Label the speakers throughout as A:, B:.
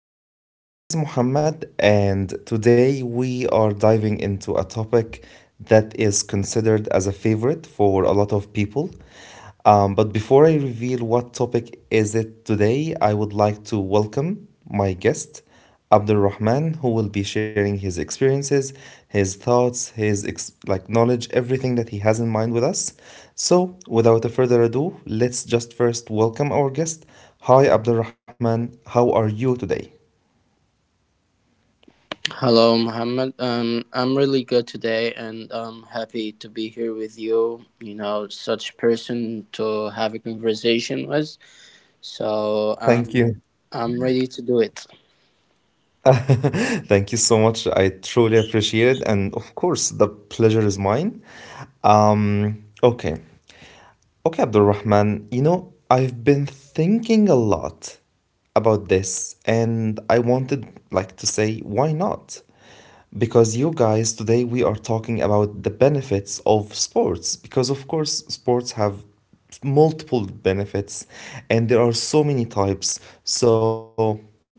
A: everyone. This is Muhammad, and today we are diving into a topic that is considered as a favorite for a lot of people. But before I reveal what topic is it today, I would like to welcome my guest, Abdul Rahman, who will be sharing his experiences, his thoughts, his like knowledge, everything that he has in mind with us. So, without a further ado, let's just first welcome our guest. Hi, Abdul Rahman. How are you today?
B: Hello, Mohammed. I'm really good today, and I'm happy to be here with you. You know, such person to have a conversation with. So
A: Thank
B: um,
A: you.
B: I'm ready to do it.
A: Thank you so much. I truly appreciate it. And of course, the pleasure is mine. Um, okay. Okay, Abdulrahman, you know, I've been thinking a lot about this and I wanted like to say, why not? Because you guys, today we are talking about the benefits of sports, because of course sports have multiple benefits and there are so many types, so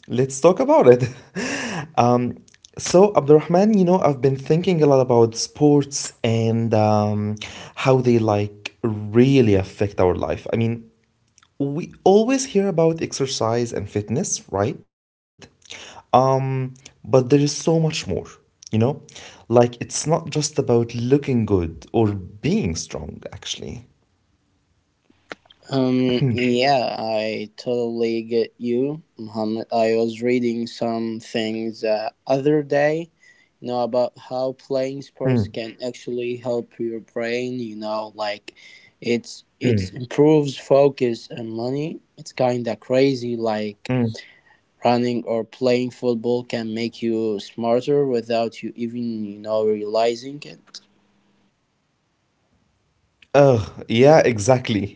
A: let's talk about it. um, so, Abdurrahman, you know, I've been thinking a lot about sports, and how they like really affect our life. I mean, we always hear about exercise and fitness, right? um, but there is so much more, you know, like it's not just about looking good or being strong, actually.
B: Yeah, I totally get you, Muhammad. I was reading some things other day, you know, about how playing
A: Mm.
B: sports can actually help your brain, you know, like it's improves focus and money. It's kind of crazy like
A: Mm.
B: running or playing football can make you smarter without you even, you know, realizing it.
A: Oh yeah, exactly.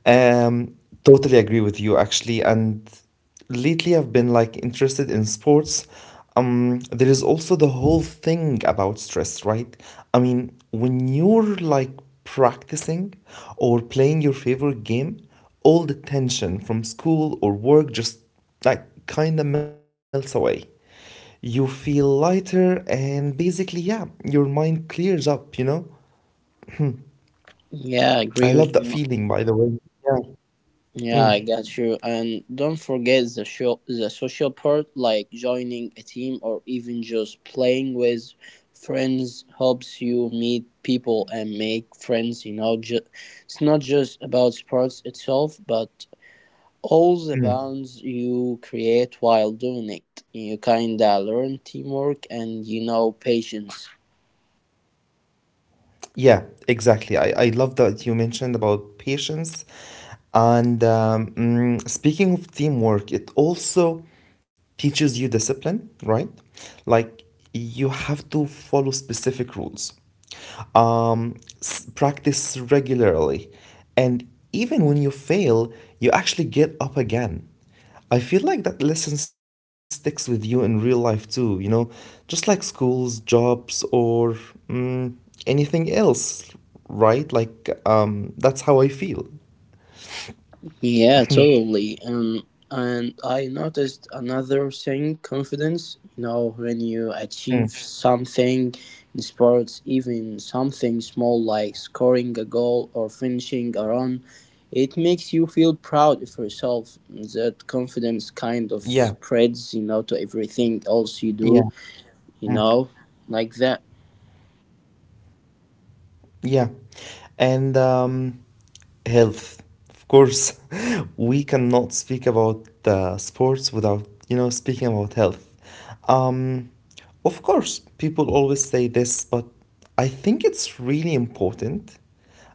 A: Um, Totally agree with you actually. And lately I've been like interested in sports. There is also the whole thing about stress, right? I mean, when you're like practicing or playing your favorite game, all the tension from school or work just like kind of melts away. You feel lighter and basically, yeah, your mind clears up, you know?
B: Yeah, I agree with
A: I
B: you.
A: love that feeling, by the way. Yeah.
B: Yeah, I got
A: Mm.
B: you. And don't forget the show, the social part, like joining a team or even just playing with friends helps you meet people and make friends. You know, it's not just about sports itself, but all the bonds you create while doing it. You kinda learn teamwork and you know patience.
A: Yeah, exactly. I love that you mentioned about patience. And speaking of teamwork, it also teaches you discipline, right? Like you have to follow specific rules, um, practice regularly. And even when you fail, you actually get up again. I feel like that lesson sticks with you in real life too, just like schools, jobs, or mm, anything else, right? Like, that's how I feel.
B: Yeah, totally. And I noticed another thing confidence. You know, when you
A: Mm.
B: achieve something in sports, even something small like scoring a goal or finishing a run, it makes you feel proud of yourself. That confidence kind of
A: Yeah,
B: spreads, you know, to everything else
A: yeah,
B: you do,
A: mm,
B: you know, like that.
A: yeah. And health, of course. We cannot speak about sports without speaking about health. Um, of course, people always say this, but I think it's really important.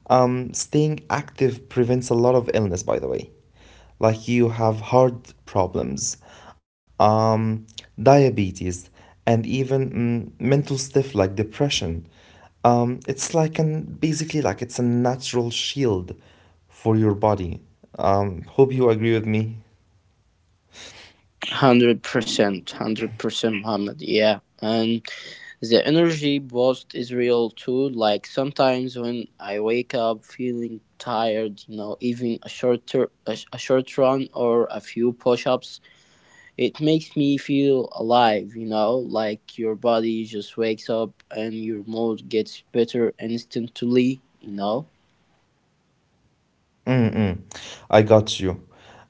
A: Staying active prevents a lot of illness, by the way. Like you have heart problems, um, diabetes, and even mental stuff like depression. It's like an Basically, like, it's a natural shield for your body. Hope you agree with me.
B: 100%, 100%, Muhammad. Yeah. And the energy boost is real too, like sometimes when I wake up feeling tired, you know, even a short tur- a, sh- a short run or a few push-ups, it makes me feel alive, you know, like your body just wakes up and your mood gets better instantly, you know.
A: Mm-mm. I got you.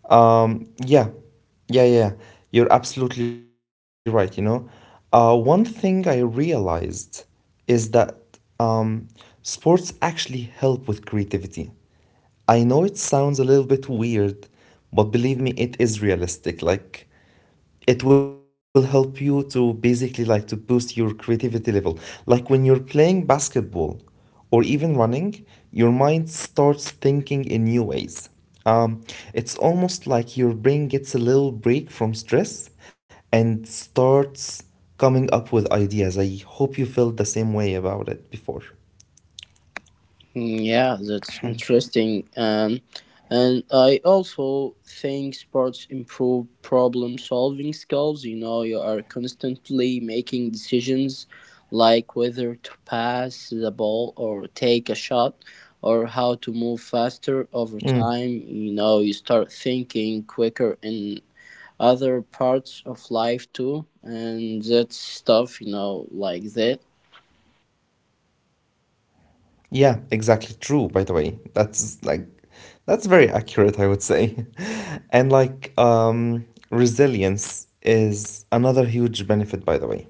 A: Yeah, yeah, yeah. Yeah. You're absolutely right. You know, one thing I realized is that um, sports actually help with creativity. I know it sounds a little bit weird, but believe me, it is realistic. Like, it will help you to basically like to boost your creativity level, like when you're playing basketball or even running, your mind starts thinking in new ways. um, it's almost like your brain gets a little break from stress and starts coming up with ideas. I hope you felt the same way about it before.
B: Mm, yeah, that's interesting. And I also think sports improve problem solving skills. You know, you are constantly making decisions like whether to pass the ball or take a shot or how to move faster over
A: Hmm.
B: time. You know, you start thinking quicker in other parts of life too. And that stuff, you know, like that.
A: Yeah, exactly true, by the way. That's very accurate, I would say. And, like, resilience is another huge benefit, by the way.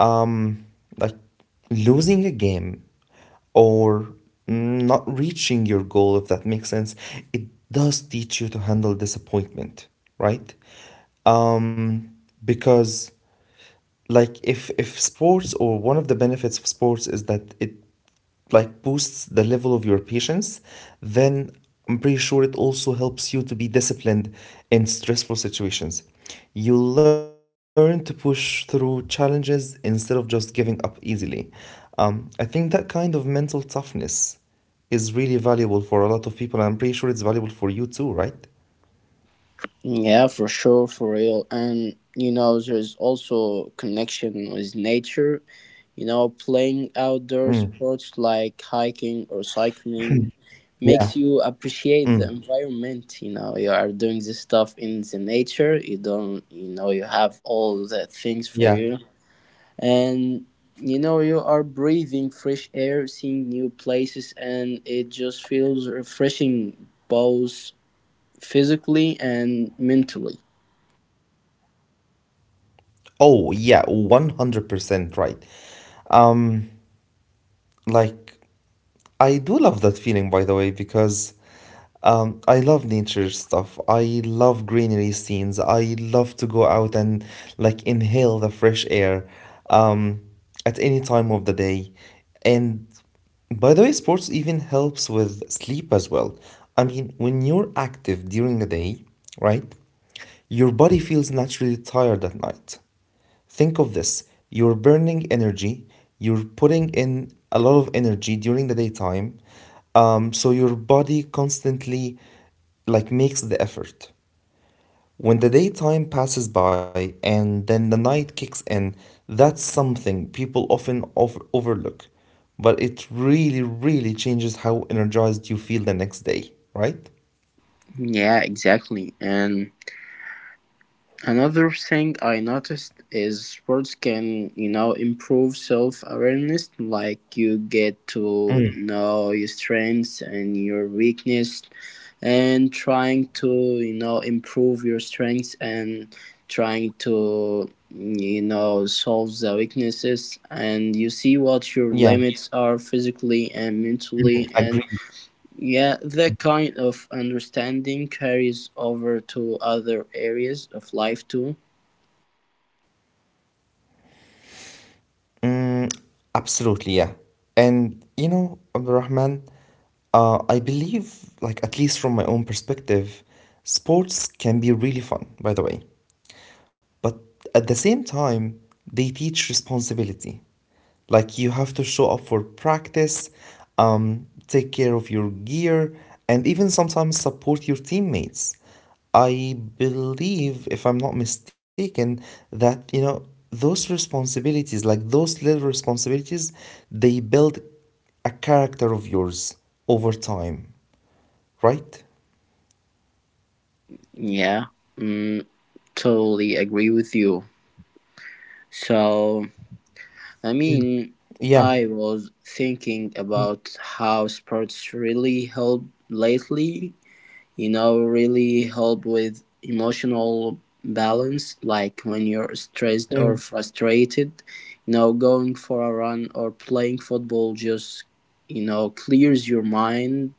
A: Um like losing a game or not reaching your goal, if that makes sense, it does teach you to handle disappointment, right? Um because, like, if sports, or one of the benefits of sports is that it like boosts the level of your patience, then I'm pretty sure it also helps you to be disciplined in stressful situations. You learn to push through challenges instead of just giving up easily. I think that kind of mental toughness is really valuable for a lot of people, and I'm pretty sure it's valuable for you too, right?
B: Yeah, for sure, for real. And you know, there's also connection with nature. You know, playing outdoor
A: Mm,
B: sports like hiking or cycling
A: yeah,
B: makes you appreciate the environment. You know, you are doing this stuff in the nature. You don't, you know, you have all the
A: yeah.
B: things for you, and you know, you are breathing fresh air, seeing new places, and it just feels refreshing, both physically and mentally.
A: Oh, yeah, 100% right. Like, I do love that feeling, by the way, because I love nature stuff. I love greenery scenes. I love to go out and like inhale the fresh air um, at any time of the day. And by the way, sports even helps with sleep as well. I mean, when you're active during the day, right, your body feels naturally tired at night. Think of this: you're burning energy, you're putting in a lot of energy during the daytime, so your body constantly like makes the effort. When the daytime passes by and then the night kicks in, that's something people often overlook, but it really, really changes how energized you feel the next day, right?
B: Yeah, exactly. And another thing I noticed is sports can, you know, improve self awareness. Like you get
A: Mm,
B: to know your strengths and your weakness, and trying to, you know, improve your strengths and trying to, you know, solve the weaknesses. And you see what your
A: yeah,
B: limits are physically and mentally,
A: mm,
B: and
A: agree.
B: yeah, that kind of understanding carries over to other areas of life too.
A: Mm, absolutely, yeah. And you know, Abdurrahman, I believe, like at least from my own perspective, sports can be really fun, by the way. But at the same time, they teach responsibility. Like you have to show up for practice, take care of your gear, and even sometimes support your teammates. I believe, if I'm not mistaken, that those responsibilities, like those little responsibilities, they build a character of yours over time, right?
B: Yeah, mm, totally agree with you. So, I
A: Mm.
B: mean,
A: Yeah.
B: I was thinking about how sports really help lately. You know, really help with emotional balance like when you're stressed or frustrated, you know, going for a run or playing football just, you know, clears your mind.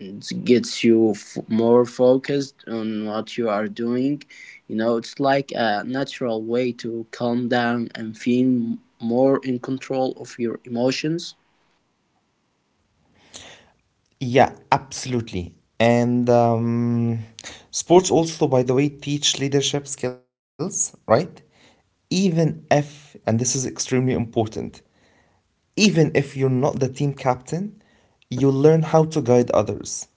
B: It gets you more focused on what you are doing. You know, it's like a natural way to calm down and feel more in control of your emotions.
A: Yeah, absolutely. And sports also, by the way, teach leadership skills, right? Even if, and this is extremely important, even if you're not the team captain, you learn how to guide others,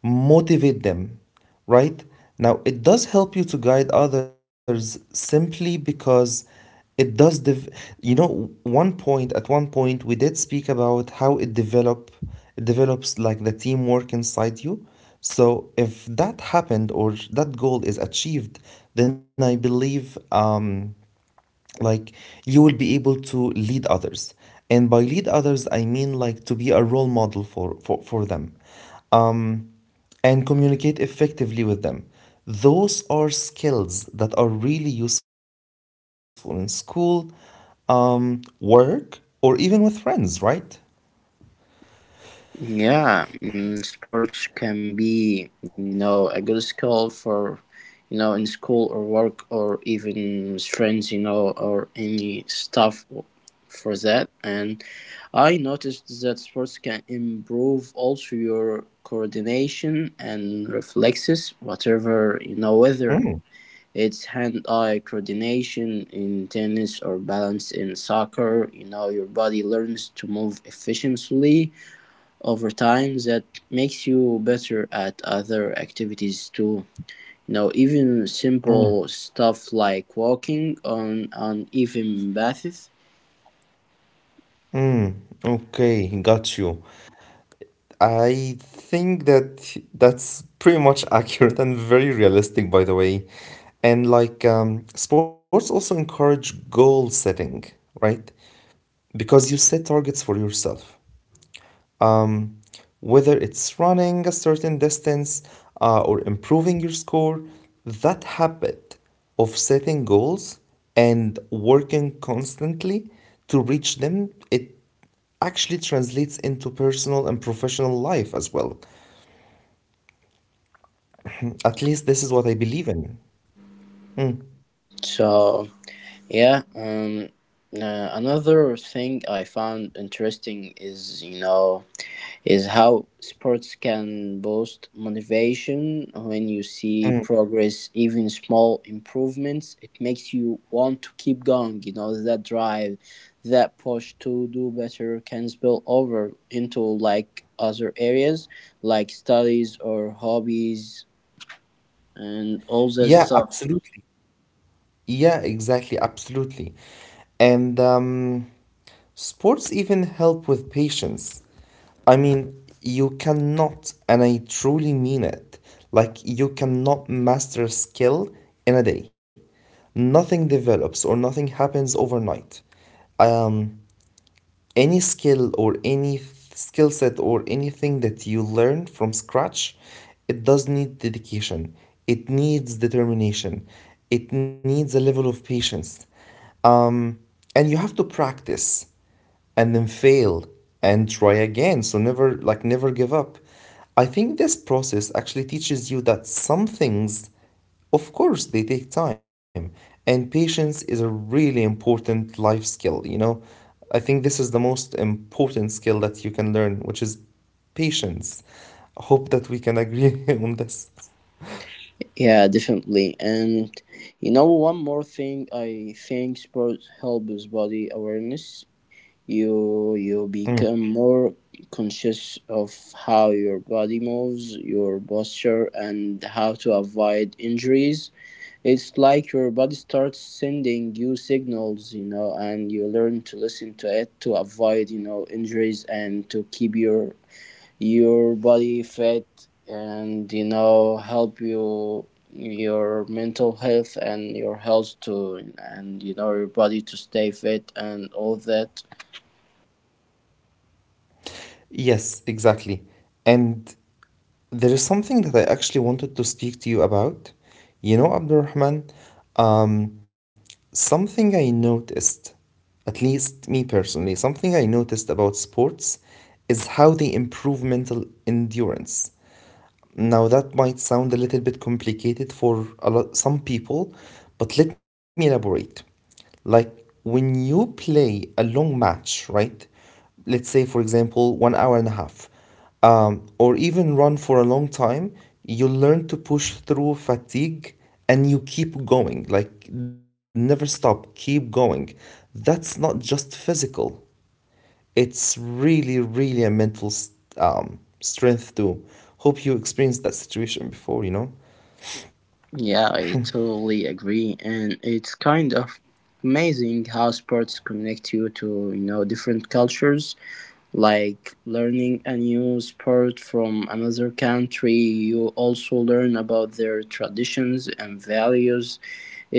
A: motivate them, right? Now, it does help you to guide others simply because it does, dev- you know, at one point, we did speak about how it develops like the teamwork inside you. So if that happened or that goal is achieved, then I believe like you will be able to lead others, and by lead others I mean like to be a role model for them, um, and communicate effectively with them. Those are skills that are really useful in school, work, or even with friends, right?
B: Yeah, mm, sports can be, you know, a good skill for, you know, in school or work or even friends, you know, or any stuff for that. And I noticed that sports can improve also your coordination and reflexes, whatever, you know, whether it's hand-eye coordination in tennis or balance in soccer, you know, your body learns to move efficiently over time. That makes you better at other activities too, you know, even simple stuff like walking on uneven paths.
A: Mm, okay, got you. I think that that's pretty much accurate and very realistic, by the way. And, like, sports also encourage goal setting, right? Because you set targets for yourself. Um, Whether it's running a certain distance or improving your score, that habit of setting goals and working constantly to reach them, it actually translates into personal and professional life as well. At least this is what I believe in.
B: So yeah, another thing I found interesting is, you know, is how sports can boost motivation. When you see
A: Mm.
B: progress, even small improvements, it makes you want to keep going. You know, that drive, that push to do better can spill over into like other areas, like studies or hobbies and all that
A: Yeah,
B: stuff.
A: absolutely. Yeah, exactly, absolutely. And sports even help with patience. I mean, you cannot, and I truly mean it, like you cannot master a skill in a day. Nothing develops or nothing happens overnight. Um, any skill or any skill set or anything that you learn from scratch, it does need dedication. It needs determination. It needs a level of patience. Um, and you have to practice and then fail and try again. So never, like, never give up. I think this process actually teaches you that some things, of course, they take time, and patience is a really important life skill. I think this is the most important skill that you can learn, which is patience. I hope that we can agree on this.
B: Yeah, definitely. And you know, one more thing, I think sports helps body awareness. You
A: Mm.
B: become more conscious of how your body moves, your posture, and how to avoid injuries. It's like your body starts sending you signals, you know, and you learn to listen to it to avoid, you know, injuries and to keep your body fit, and you know, help you your mental health and your health too, and you know, your body to stay fit and all that.
A: Yes, exactly. And there is something that I actually wanted to speak to you about. You know, Abdurrahman, um, something I noticed, at least me personally, something I noticed about sports is how they improve mental endurance. Now, that might sound a little bit complicated for some people, but let me elaborate. Like when you play a long match, right? Let's say, for example, one hour and a half, or even run for a long time, you learn to push through fatigue and you keep going. Like, never stop, keep going. That's not just physical, it's really, really a mental strength too. Hope you experienced that situation before, you know?
B: Yeah, I totally agree, and it's kind of amazing how sports connect you to, you know, different cultures. Like learning a new sport from another country, you also learn about their traditions and values.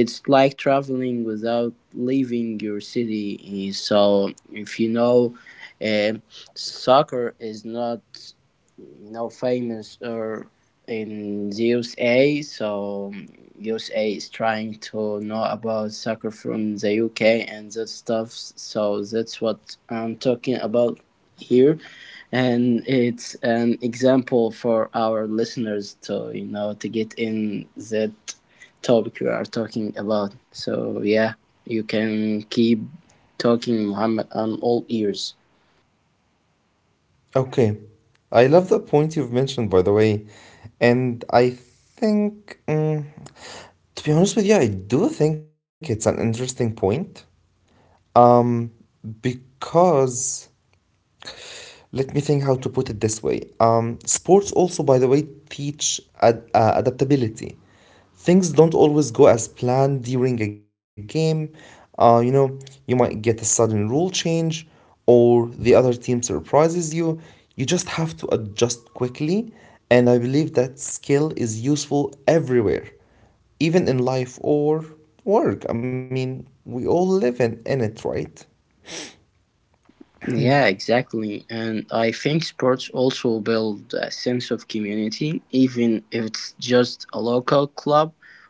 B: It's like traveling without leaving your city. So if you know, uh, soccer is not, you know, famous or in the USA. So USA is trying to know about soccer from the UK and that stuff. So that's what I'm talking about here, and it's an example for our listeners to, you know, to get in that topic we are talking about. So yeah, you can keep talking, Muhammad, I'm all ears.
A: Okay. I love the point you've mentioned, by the way. And I think, to be honest with you, I do think it's an interesting point. Um, because let me think how to put it this way. Sports also, by the way, teach adaptability. Things don't always go as planned during a game. You know, you might get a sudden rule change, or the other team surprises you. Just have to adjust quickly, and I believe that skill is useful everywhere, even in life or work. I mean, we all live in it, right?
B: Yeah, exactly. And I think sports also build a sense of community, even if it's just a local club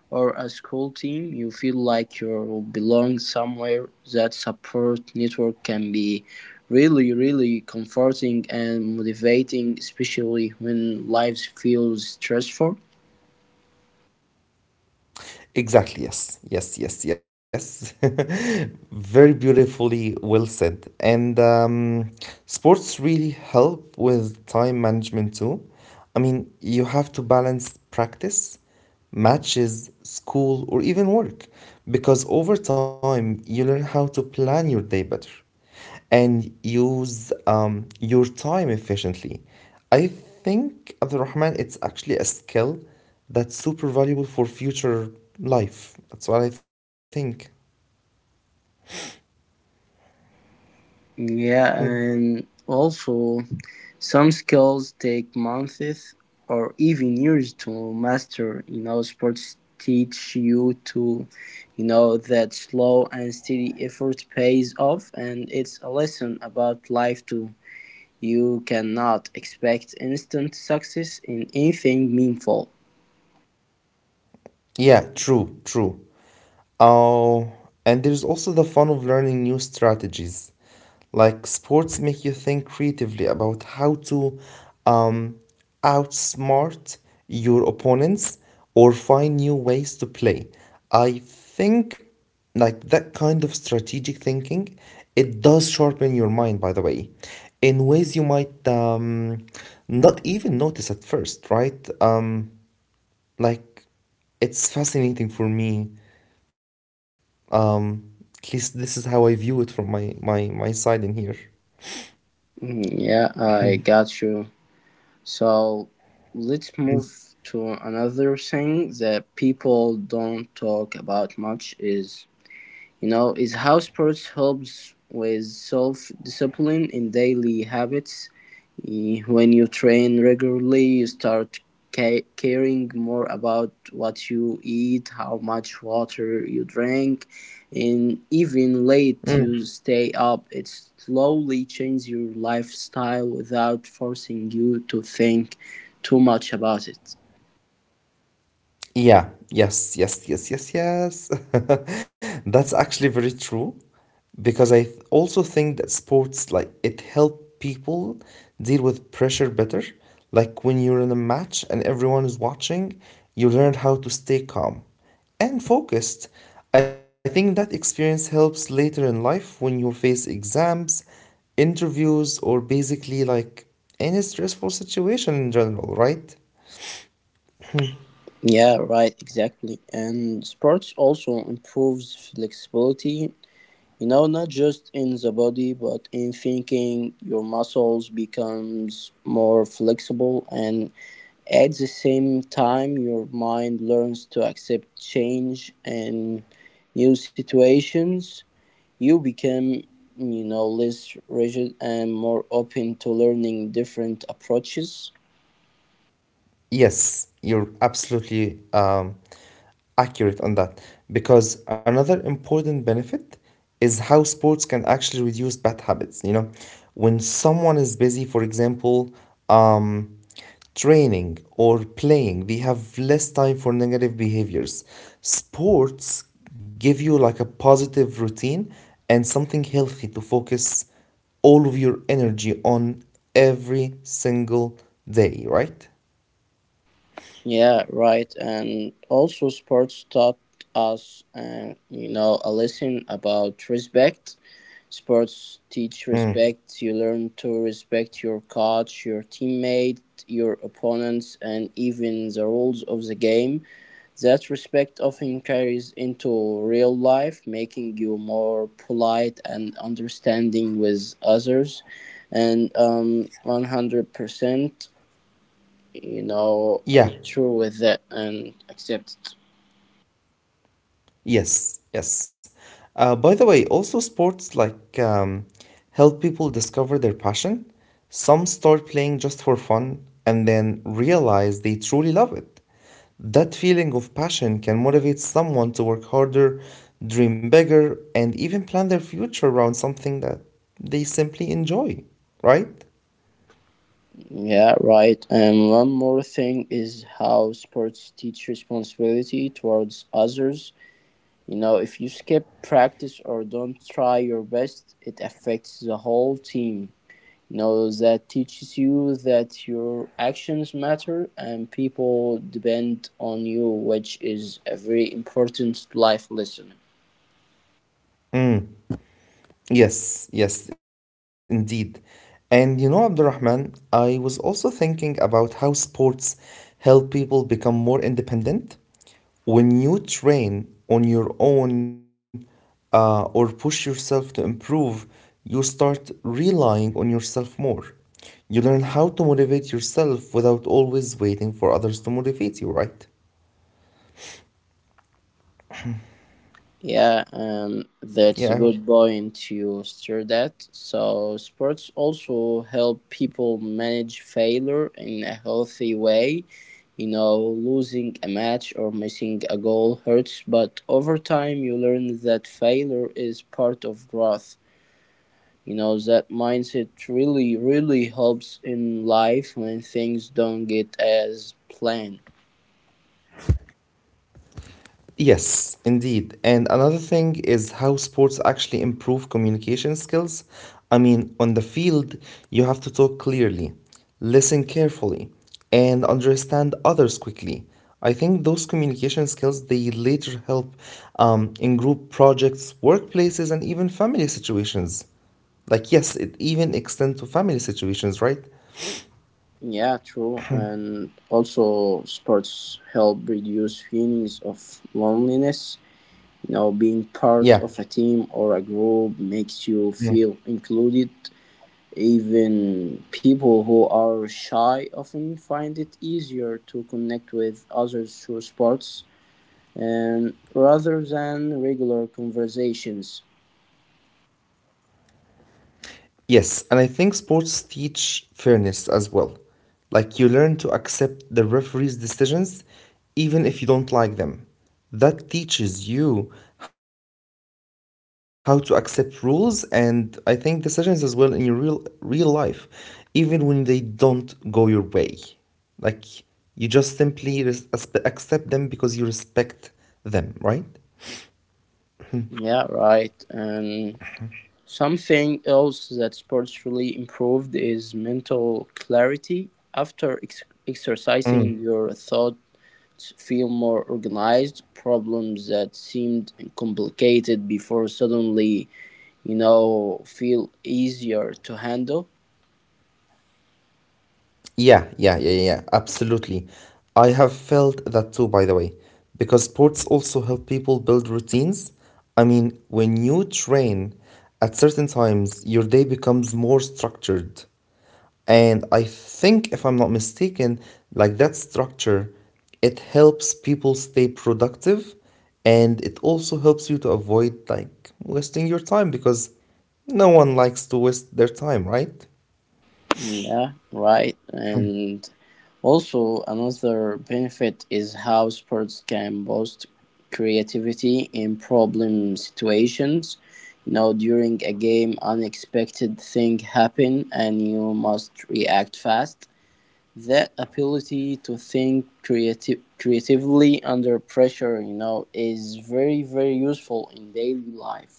B: or a school team. You feel like you belong somewhere. That support network can be really, really comforting and motivating, especially when life feels stressful.
A: Exactly, yes, yes, yes, yes. Very beautifully well said. And sports really help with time management too. I mean, you have to balance practice, matches, school, or even work, because over time you learn how to plan your day better and use your time efficiently. I think, Abdul Rahman, it's actually a skill that's super valuable for future life. That's what I think. Hmm.
B: Yeah, and also some skills take months or even years to master. You know, sports teach you to, you know, that slow and steady effort pays off, and it's a lesson about life too. You cannot expect instant success in anything meaningful.
A: Yeah, true, true. Oh, and there's also the fun of learning new strategies. Like sports make you think creatively about how to um, outsmart your opponents or find new ways to play. I think that kind of strategic thinking, it does sharpen your mind, by the way, in ways you might not even notice at first, right? Like it's fascinating for me, um, at least this is how I view it from my side in here.
B: Mm, yeah, I got you. So let's move to another thing that people don't talk about much is, you know, is how sports helps with self-discipline in daily habits. Eh, when you train regularly, you start caring more about what you eat, how much water you drink, and even
A: Mm.
B: late you stay up. It slowly changes your lifestyle without forcing you to think too much about it.
A: Yeah, yes, yes, yes, yes, yes. That's actually very true because also think that sports like it help people deal with pressure better. Like when you're in a match and everyone is watching, you learn how to stay calm and focused. I think that experience helps later in life when you face exams, interviews, or basically like any stressful situation in general, right?
B: Yeah, right, exactly. And sports also improves flexibility, you know, not just in the body but in thinking. Your muscles becomes more flexible, and at the same time your mind learns to accept change and new situations. You become, you know, less rigid and more open to learning different approaches.
A: Yes, you're absolutely accurate on that. Because another important benefit is how sports can actually reduce bad habits. You know, when someone is busy, for example, um, training or playing, they have less time for negative behaviors. Sports give you like a positive routine and something healthy to focus all of your energy on every single day, right?
B: Yeah, right. And also sports taught us you know a lesson about respect. Sports teach
A: Mm.
B: respect. You learn to respect your coach, your teammate, your opponents, and even the rules of the game. That respect often carries into real life, making you more polite and understanding with others. And 100%, you know,
A: Yeah,
B: true with that and accepted.
A: yes, yes. By the way, also sports like help people discover their passion. Some start playing just for fun and then realize they truly love it. That feeling of passion can motivate someone to work harder, dream bigger, and even plan their future around something that they simply enjoy, right?
B: Yeah, right. And one more thing is how sports teach responsibility towards others. You know, if you skip practice or don't try your best, it affects the whole team. You know, that teaches you that your actions matter and people depend on you, which is a very important life lesson.
A: Yes, yes, indeed. And you know, Abdurrahman, I was also thinking about how sports help people become more independent. When you train on your own, or push yourself to improve, you start relying on yourself more. You learn how to motivate yourself without always waiting for others to motivate you, right?
B: Yeah,
A: Yeah.
B: that's a good point you stirred that. So sports also help people manage failure in a healthy way. You know, losing a match or missing a goal hurts, but over time you learn that failure is part of growth. You know, that mindset really, really helps in life when things don't get as planned.
A: Yes, indeed. And another thing is how sports actually improve communication skills. I mean, on the field, you have to talk clearly, listen carefully, and understand others quickly. I think those communication skills they later help, in group projects, workplaces, and even family situations. Like, yes, it even extends to family situations, right?
B: Yeah, true. And also, sports help reduce feelings of loneliness. You know, being part
A: Yeah.
B: of a team or a group makes you feel included. Even people who are shy often find it easier to connect with others through sports and rather than regular conversations.
A: Yes, and I think sports teach fairness as well. Like you learn to accept the referee's decisions even if you don't like them. That teaches you how to accept rules and I think decisions as well in your real real life, even when they don't go your way. Like you just simply accept them because you respect them, right?
B: Yeah, right. And something else that sports really improved is mental clarity. After exercising, your thoughts feel more organized. Problems that seemed complicated before suddenly, you know, feel easier to handle.
A: Yeah, yeah, yeah, yeah, yeah, absolutely. I have felt that too, by the way, because sports also help people build routines. I mean, when you train at certain times, your day becomes more structured. And I think, if I'm not mistaken, that structure, it helps people stay productive and it also helps you to avoid like wasting your time because no one likes to waste their time, right?
B: Yeah, right. And also, another benefit is how sports can boost creativity in problem situations. You know, during a game, unexpected thing happen and you must react fast. That ability to think creatively under pressure, you know, is very very useful in daily life.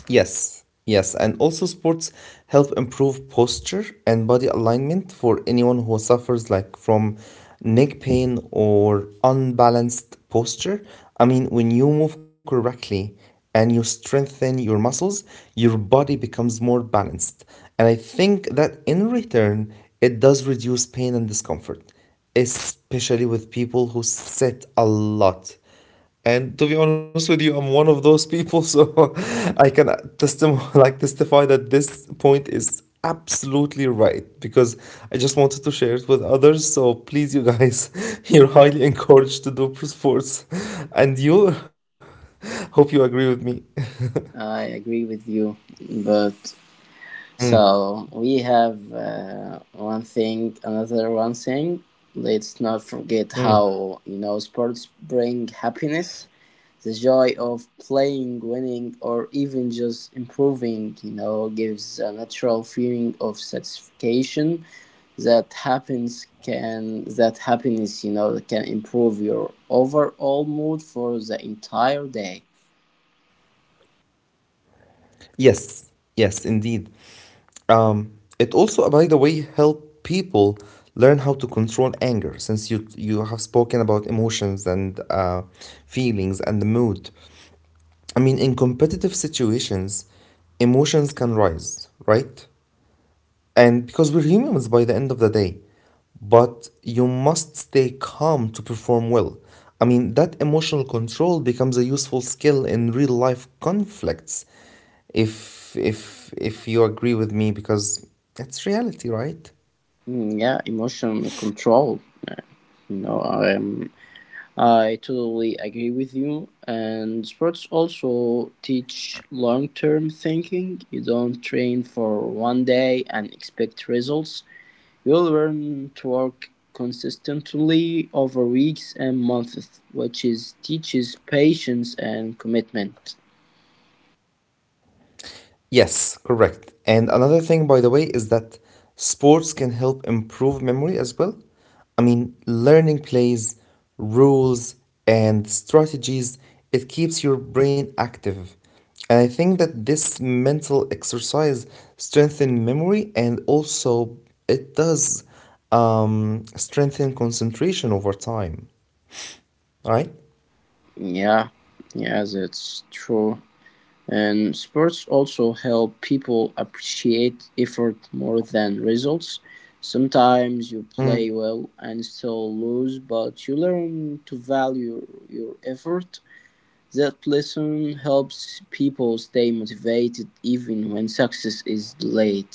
A: Yes, yes, and also sports help improve posture and body alignment for anyone who suffers like from neck pain or unbalanced posture. I mean, when you move correctly and you strengthen your muscles, your body becomes more balanced. And I think that in return, it does reduce pain and discomfort, especially with people who sit a lot. And to be honest with you, I'm one of those people, so I can like testify that this point is absolutely right because I just wanted to share it with others. So please, you guys, you're highly encouraged to do pro sports, and you hope you agree with me.
B: I agree with you, but
A: Mm,
B: so we have one thing, another one thing. Let's not forget how,
A: mm.
B: you know, sports bring happiness, the joy of playing, winning, or even just improving. You know, gives a natural feeling of satisfaction that happens can that happiness, you know, can improve your overall mood for the entire day.
A: Yes, yes, indeed. Um, it also, by the way, help people learn how to control anger since you have spoken about emotions and feelings and the mood. I mean, in competitive situations, emotions can rise, right? And because we're humans by the end of the day, but you must stay calm to perform well. I mean, that emotional control becomes a useful skill in real life conflicts. If you agree with me because that's reality, right?
B: Mm, yeah, emotion control. You know, I'm. I totally agree with you. And sports also teach long term thinking. You don't train for one day and expect results. You learn to work consistently over weeks and months, which is teaches patience and commitment.
A: Yes, correct. And another thing, by the way, is that sports can help improve memory as well. I mean, learning plays, rules, and strategies, it keeps your brain active. And I think that this mental exercise strengthens memory and also it does, strengthen concentration over time. All right?
B: Yeah, yeah, that's true. And sports also help people appreciate effort more than results. Sometimes you play
A: Mm.
B: well and still lose, but you learn to value your effort. That lesson helps people stay motivated even when success is delayed.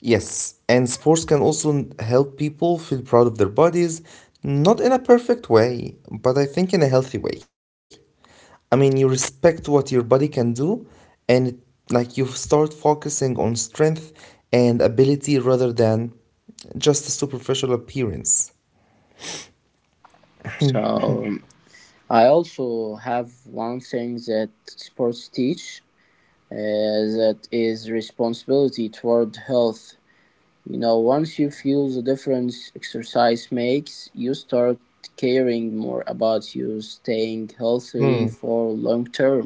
A: Yes, and sports can also help people feel proud of their bodies, not in a perfect way, but I think in a healthy way. I mean, you respect what your body can do, and like you start focusing on strength and ability rather than just a superficial appearance.
B: So, I also have one thing that sports teach that is responsibility toward health. You know, once you feel the difference exercise makes, you start caring more about you staying healthy for long term.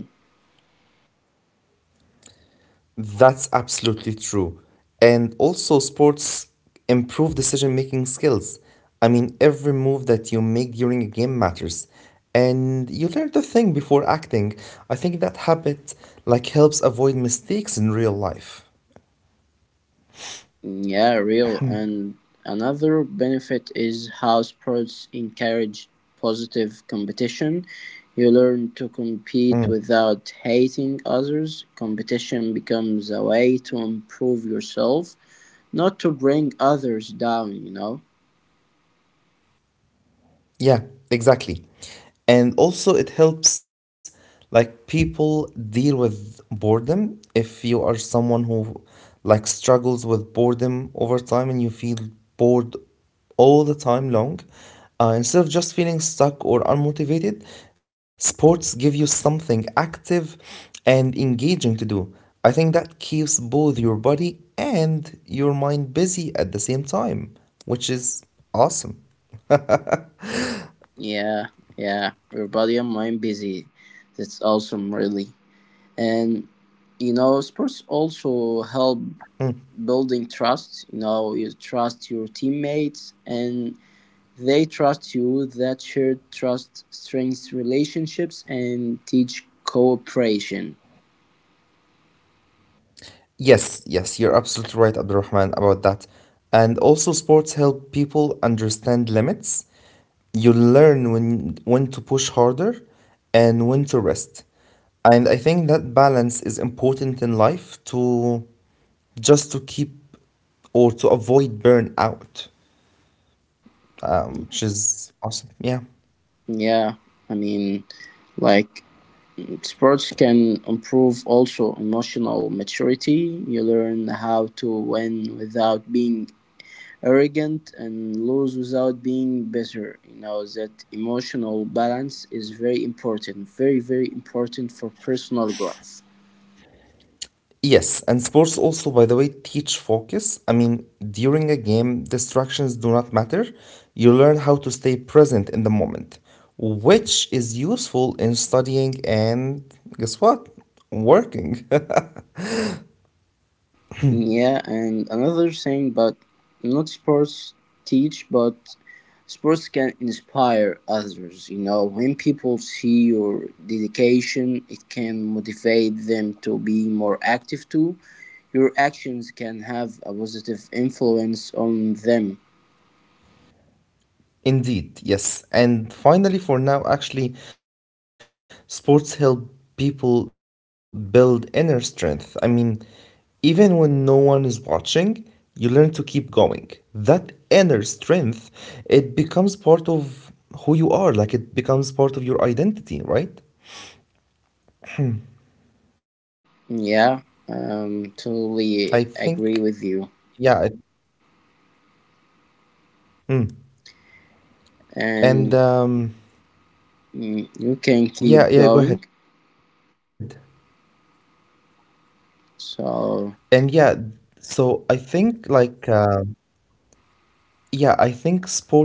A: That's absolutely true. And also, sports improve decision making skills. I mean, every move that you make during a game matters. And you learn to think before acting. I think that habit like helps avoid mistakes in real life.
B: Yeah, real. And another benefit is how sports encourage positive competition. You learn to
A: Mm.
B: compete without hating others. Competition becomes a way to improve yourself, not to bring others down, you know.
A: Yeah, exactly. And also, it helps like people deal with boredom. If you are someone who like struggles with boredom over time and you feel bored all the time long, instead of just feeling stuck or unmotivated, sports give you something active and engaging to do. I think that keeps both your body and your mind busy at the same time, which is awesome.
B: Yeah, yeah. Your body and mind busy. That's awesome, really. And you know, sports also help building trust. You know, you trust your teammates, and they trust you. That shared trust strengthens relationships and teach cooperation.
A: Yes, yes, you're absolutely right, Abdurrahman, about that. And also, sports help people understand limits. You learn when to push harder and when to rest. And I think that balance is important in life to just to keep or to avoid burnout, which is awesome. Yeah.
B: Yeah, I mean, like sports can improve also emotional maturity. You learn how to win without being arrogant and lose without being bitter. You know that emotional balance is very important, very very important for personal growth.
A: Yes, and sports also, by the way, teach focus. I mean, during a game, distractions do not matter. You learn how to stay present in the moment, which is useful in studying and guess what? Working.
B: Yeah, and another thing, but not sports teach, but sports can inspire others. You know, when people see your dedication, it can motivate them to be more active too. Your actions can have a positive influence on them.
A: Indeed, yes. And finally, for now, actually, sports help people build inner strength. I mean, even when no one is watching, you learn to keep going. That inner strength, it becomes part of who you are, like it becomes part of your identity, right?
B: Yeah,
A: I think,
B: totally
A: yeah.
B: agree with you.
A: Mm. And
B: And mm, you can keep
A: yeah, yeah, go
B: going.
A: ahead. And yeah,
B: So.
A: so I think yeah, I think sports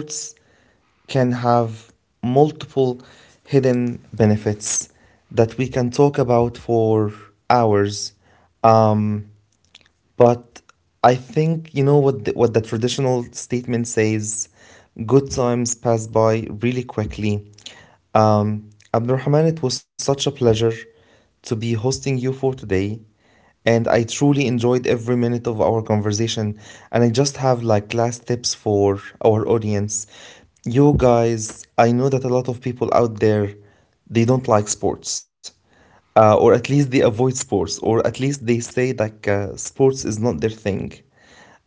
A: can have multiple hidden benefits that we can talk about for hours. Um, but I think you know what what the traditional statement says. Good times pass by really quickly. Abdurrahman, it was such a pleasure to be hosting you for today, and I truly enjoyed every minute of our conversation. And I just have like last tips for our audience. You guys, I know that a lot of people out there they don't like sports, or at least they avoid sports, or at least they say like, sports is not their thing.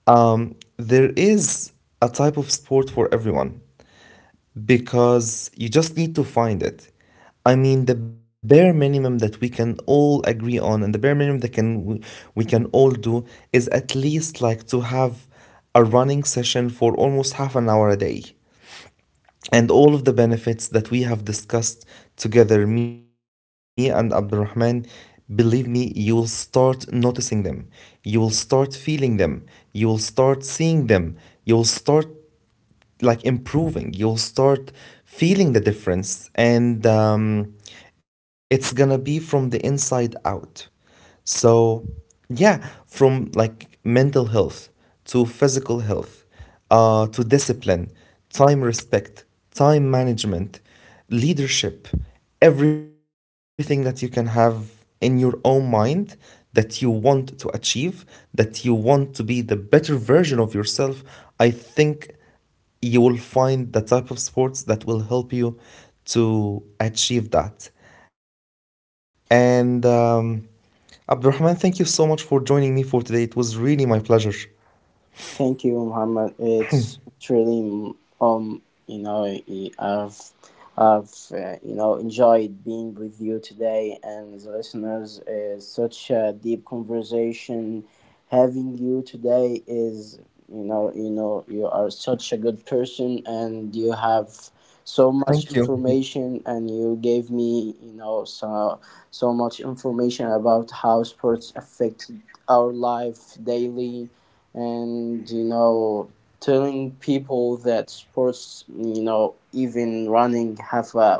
A: There is a type of sport for everyone because you just need to find it. I mean, the bare minimum that we can all agree on, and the bare minimum that we can all do is at least like to have a running session for almost half an hour a day, and all of the benefits that we have discussed together, me and Abdurrahman, believe me, you will start noticing them. You will start feeling them. You will start seeing them. You will start like improving. You'll start feeling the difference, and it's gonna be from the inside out. So, yeah, from like mental health to physical health, to discipline, time respect, time management, leadership, everything that you can have in your own mind that you want to achieve, that you want to be the better version of yourself, I think you will find the type of sports that will help you to achieve that. And Abdurrahman, thank you so much for joining me for today. It was really my pleasure.
B: Thank you, Muhammad. It's really mm, um you know, I've you know, enjoyed being with you today and the listeners. It's such a deep conversation. Having you today is, you know, you know, you are such a good person and you have so much
A: Thank
B: information,
A: you.
B: and you gave me, you know, so so much information about how sports affect our life daily, and you know, telling people that sports, you know, even running half a,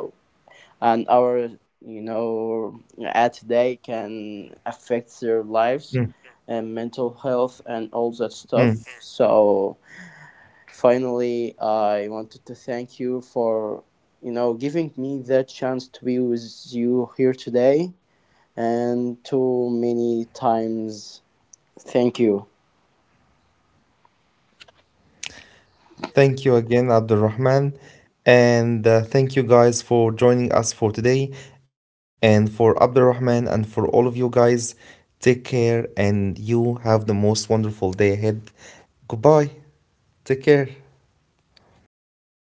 B: an hour, you know, at a day can affect their
A: Mm,
B: lives and mental health and all that stuff.
A: mm.
B: So finally I wanted to thank you for, you know, giving me that chance to be with you here today, and too many times, thank you.
A: Thank you again, Abdurrahman. And thank you guys for joining us for today. And for Abdurrahman and for all of you guys, take care and you have the most wonderful day ahead. Goodbye. Take care.